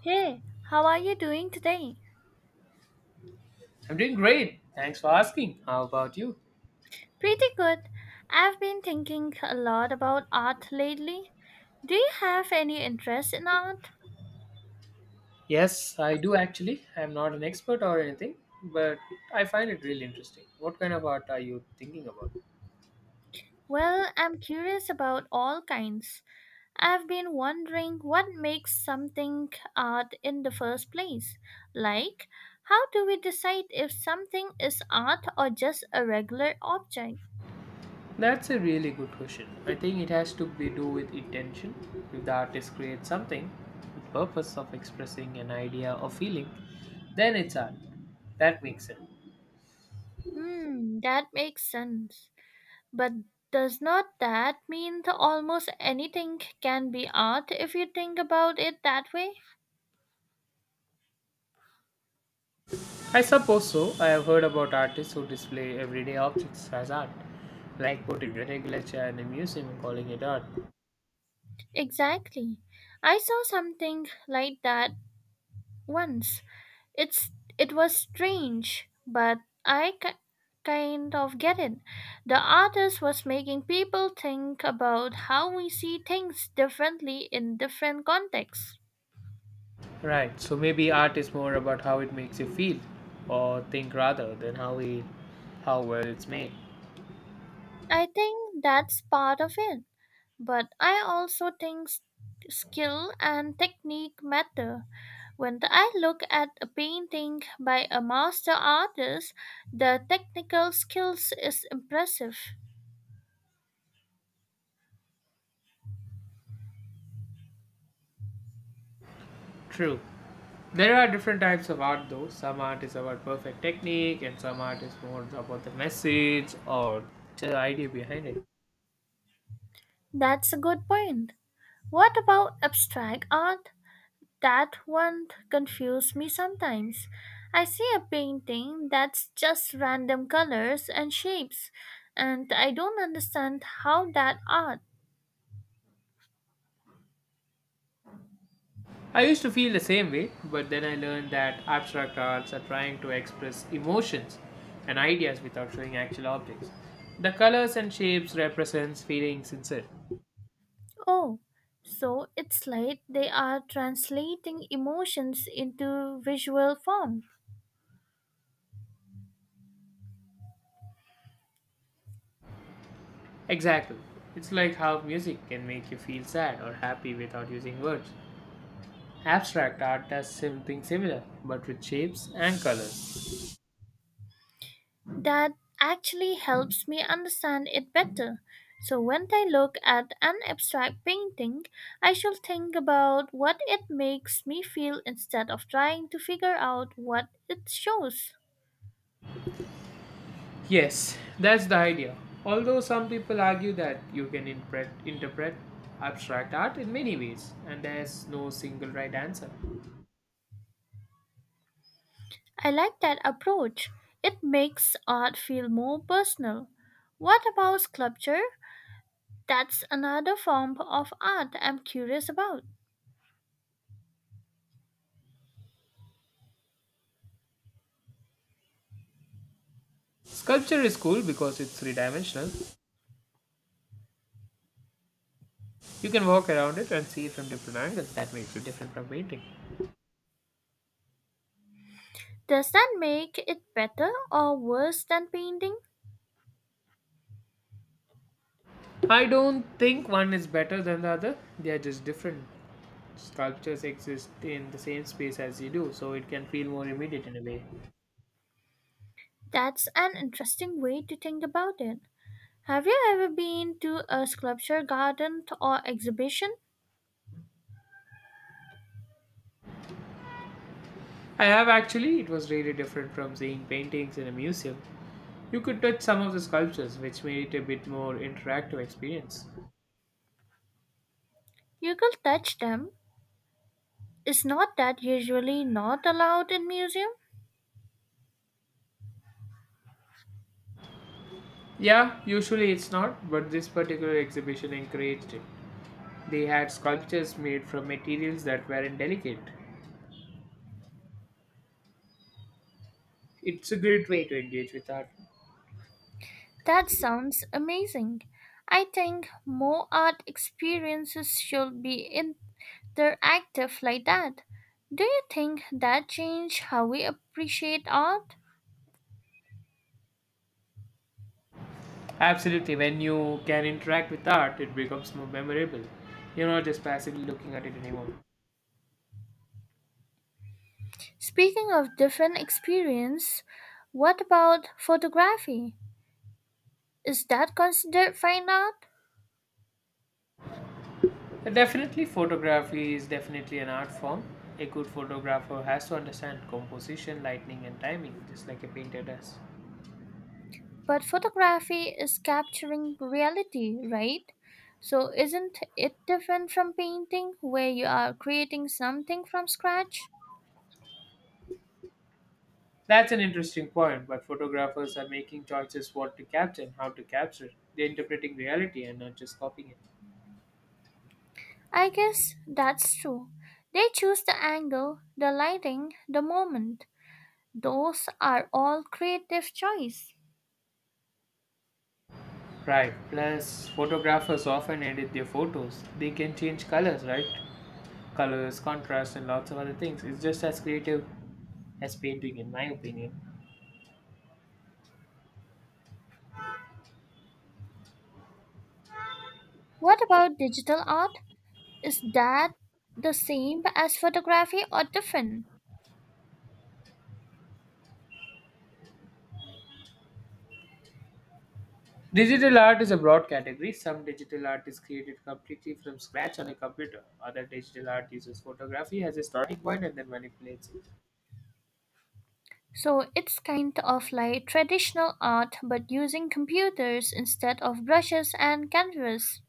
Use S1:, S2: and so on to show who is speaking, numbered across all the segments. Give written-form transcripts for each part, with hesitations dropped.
S1: Hey, how are you doing today?
S2: I'm doing great. Thanks for asking. How about you?
S1: Pretty good. I've been thinking a lot about art lately. Do you have any interest in art?
S2: Yes, I do actually. I'm not an expert or anything, but I find it really interesting. What kind of art are you thinking about?
S1: Well, I'm curious about all kinds. I've been wondering what makes something art in the first place. Like, how do we decide if something is art or just a regular object?
S2: That's a really good question. I think it has to be do with intention. If the artist creates something with purpose of expressing an idea or feeling, then it's art. That makes sense.
S1: Hmm, that makes sense. But does not that mean that almost anything can be art if you think about it that way?
S2: I suppose so. I have heard about artists who display everyday objects as art, like putting a regular chair in a museum and calling it art.
S1: Exactly. I saw something like that once. It's it was strange, but I kind of get it. The artist was making people think about how we see things differently in different contexts.
S2: Right. So maybe art is more about how it makes you feel or think rather than how well it's made.
S1: I think that's part of it, but I also think skill and technique matter. When I look at a painting by a master artist, the technical skills is impressive.
S2: True. There are different types of art though. Some art is about perfect technique and some art is more about the message or the idea behind it.
S1: That's a good point. What about abstract art? That one confuses me sometimes. I see a painting that's just random colors and shapes, and I don't understand how that art.
S2: I used to feel the same way, but then I learned that abstract arts are trying to express emotions and ideas without showing actual objects. The colors and shapes represents feelings inside.
S1: Oh, so it's like they are translating emotions into visual form.
S2: Exactly. It's like how music can make you feel sad or happy without using words. Abstract art does something similar, but with shapes and colors.
S1: That actually helps me understand it better. So when I look at an abstract painting, I shall think about what it makes me feel instead of trying to figure out what it shows.
S2: Yes, that's the idea. Although some people argue that you can interpret abstract art in many ways, and there's no single right answer.
S1: I like that approach. It makes art feel more personal. What about sculpture? That's another form of art I'm curious about.
S2: Sculpture is cool because it's three dimensional. You can walk around it and see it from different angles. That makes it different from painting.
S1: Does that make it better or worse than painting?
S2: I don't think one is better than the other, they are just different. Sculptures exist in the same space as you do, so it can feel more immediate in a way.
S1: That's an interesting way to think about it. Have you ever been to a sculpture garden or exhibition?
S2: I have actually, it was really different from seeing paintings in a museum. You could touch some of the sculptures, which made it a bit more interactive experience.
S1: You could touch them. Is not that usually not allowed in museum?
S2: Yeah, usually it's not, but this particular exhibition encouraged it. They had sculptures made from materials that weren't delicate. It's a great way to engage with art.
S1: That sounds amazing. I think more art experiences should be interactive like that. Do you think that change how we appreciate art?
S2: Absolutely, when you can interact with art, it becomes more memorable. You're not just passively looking at it anymore.
S1: Speaking of different experience, what about photography? Is that considered fine art?
S2: Definitely, photography is definitely an art form. A good photographer has to understand composition, lighting, and timing, just like a painter does.
S1: But photography is capturing reality, right? So isn't it different from painting where you are creating something from scratch?
S2: That's an interesting point, but photographers are making choices what to capture and how to capture. They're interpreting reality and not just copying it.
S1: I guess that's true. They choose the angle, the lighting, the moment. Those are all creative choice.
S2: Right, plus, photographers often edit their photos. They can change colors, right? Colors, contrast, and lots of other things. It's just as creative as painting, in my opinion.
S1: What about digital art? Is that the same as photography or different?
S2: Digital art is a broad category. Some digital art is created completely from scratch on a computer. Other digital art uses photography as a starting point and then manipulates it.
S1: So it's kind of like traditional art but using computers instead of brushes and canvas.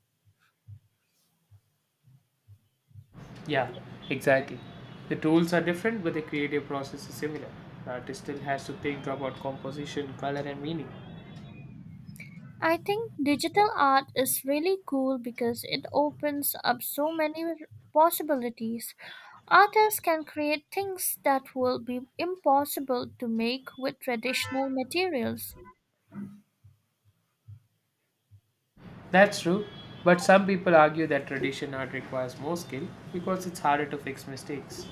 S2: Yeah, exactly. The tools are different, but the creative process is similar. The artist still has to think about composition, color, and meaning.
S1: I think digital art is really cool because it opens up so many possibilities. Artists can create things that will be impossible to make with traditional materials.
S2: That's true, but some people argue that traditional art requires more skill because it's harder to fix mistakes.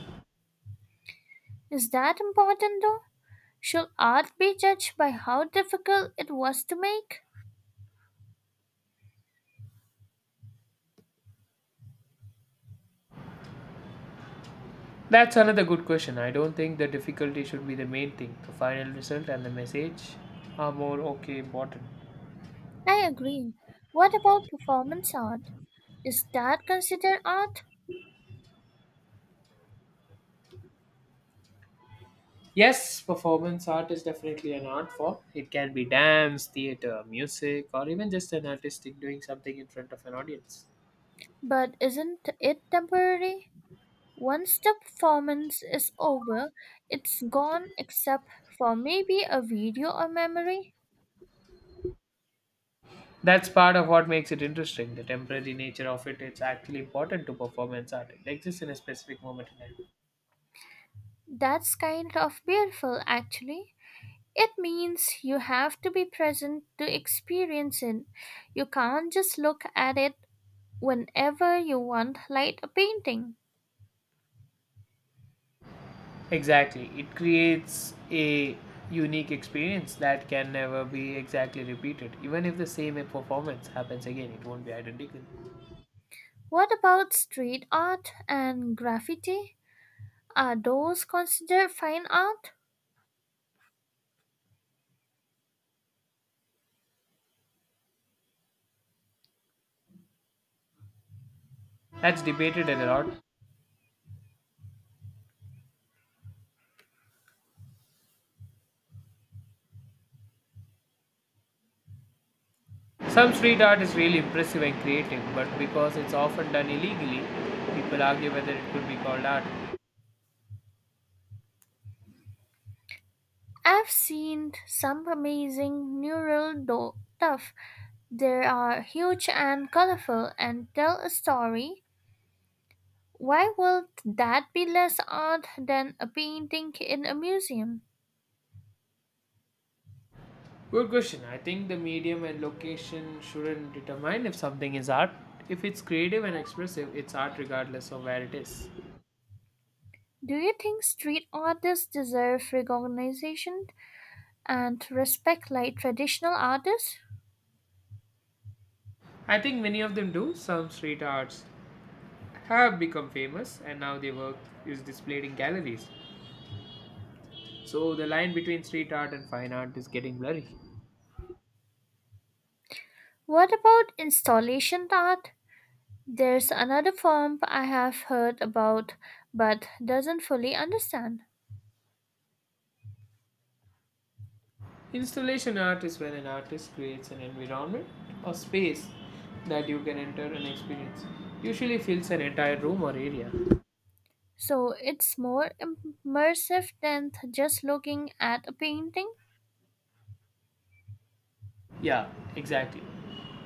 S1: Is that important though? Should art be judged by how difficult it was to make?
S2: That's another good question. I don't think the difficulty should be the main thing. The final result and the message are more okay important.
S1: I agree. What about performance art? Is that considered art?
S2: Yes, performance art is definitely an art form. It can be dance, theater, music, or even just an artistic doing something in front of an audience.
S1: But isn't it temporary? Once the performance is over, it's gone except for maybe a video or memory.
S2: That's part of what makes it interesting. The temporary nature of it is actually important to performance art. It exists in a specific moment in time.
S1: That's kind of beautiful, actually. It means you have to be present to experience it. You can't just look at it whenever you want, like a painting.
S2: Exactly. It creates a unique experience that can never be exactly repeated. Even if the same performance happens again, it won't be identical.
S1: What about street art and graffiti? Are those considered fine art?
S2: That's debated a lot. Some street art is really impressive and creative, but because it's often done illegally, people argue whether it could be called art.
S1: I've seen some amazing stuff. They are huge and colorful and tell a story. Why would that be less art than a painting in a museum?
S2: Good question. I think the medium and location shouldn't determine if something is art. If it's creative and expressive, it's art regardless of where it is.
S1: Do you think street artists deserve recognition and respect like traditional artists?
S2: I think many of them do. Some street arts have become famous and now their work is displayed in galleries. So the line between street art and fine art is getting blurry.
S1: What about installation art? There's another form I have heard about but doesn't fully understand.
S2: Installation art is when an artist creates an environment or space that you can enter and experience. Usually fills an entire room or area.
S1: So it's more immersive than just looking at a painting?
S2: Yeah, exactly.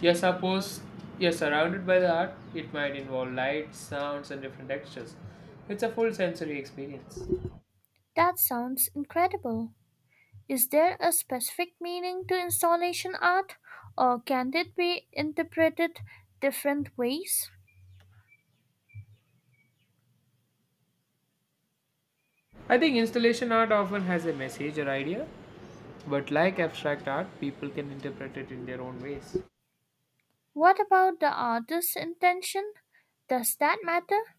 S2: You're supposed you're surrounded by the art. It might involve lights, sounds, and different textures. It's a full sensory experience.
S1: That sounds incredible. Is there a specific meaning to installation art, or can it be interpreted different ways?
S2: I think installation art often has a message or idea, but like abstract art, people can interpret it in their own ways.
S1: What about the artist's intention? Does that matter?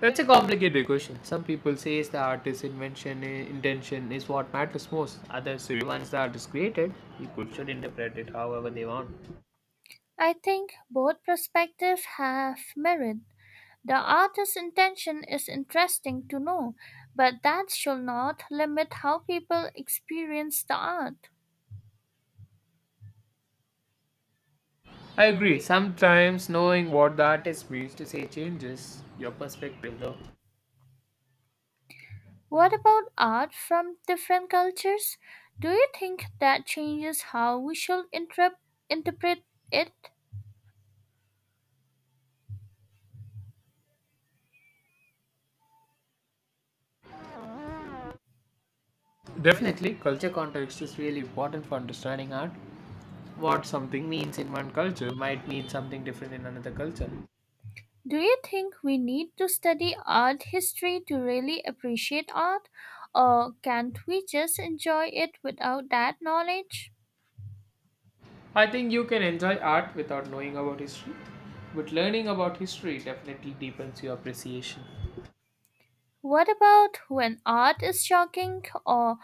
S2: That's a complicated question. Some people say the intention is what matters most. Others say once the art is created, people should interpret it however they want.
S1: I think both perspectives have merit. The artist's intention is interesting to know, but that should not limit how people experience the art.
S2: I agree. Sometimes knowing what the artist means to say changes your perspective though.
S1: What about art from different cultures? Do you think that changes how we should interpret it?
S2: Definitely, culture context is really important for understanding art. What something means in one culture might mean something different in another culture.
S1: Do you think we need to study art history to really appreciate art, or can't we just enjoy it without that knowledge?
S2: I think you can enjoy art without knowing about history, but learning about history definitely deepens your appreciation.
S1: What about when art is shocking or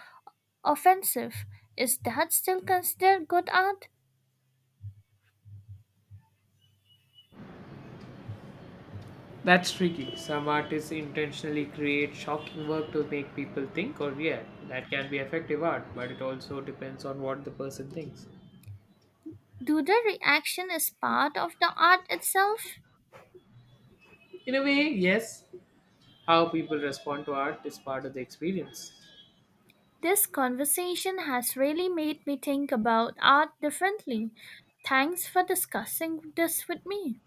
S1: offensive? Is that still considered good art?
S2: That's tricky. Some artists intentionally create shocking work to make people think or react. That can be effective art, but it also depends on what the person thinks.
S1: Do the reaction is part of the art itself?
S2: In a way, yes, how people respond to art is part of the experience.
S1: This conversation has really made me think about art differently. Thanks for discussing this with me.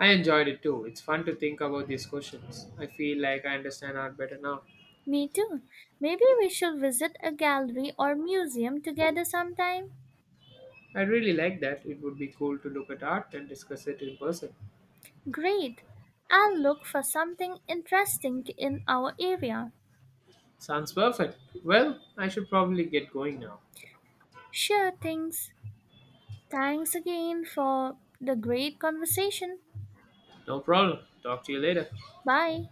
S2: I enjoyed it too. It's fun to think about these questions. I feel like I understand art better now.
S1: Me too. Maybe we should visit a gallery or museum together sometime.
S2: I really like that. It would be cool to look at art and discuss it in person.
S1: Great. I'll look for something interesting in our area.
S2: Sounds perfect. Well, I should probably get going now.
S1: Sure things. Thanks again for the great conversation.
S2: No problem. Talk to you later.
S1: Bye.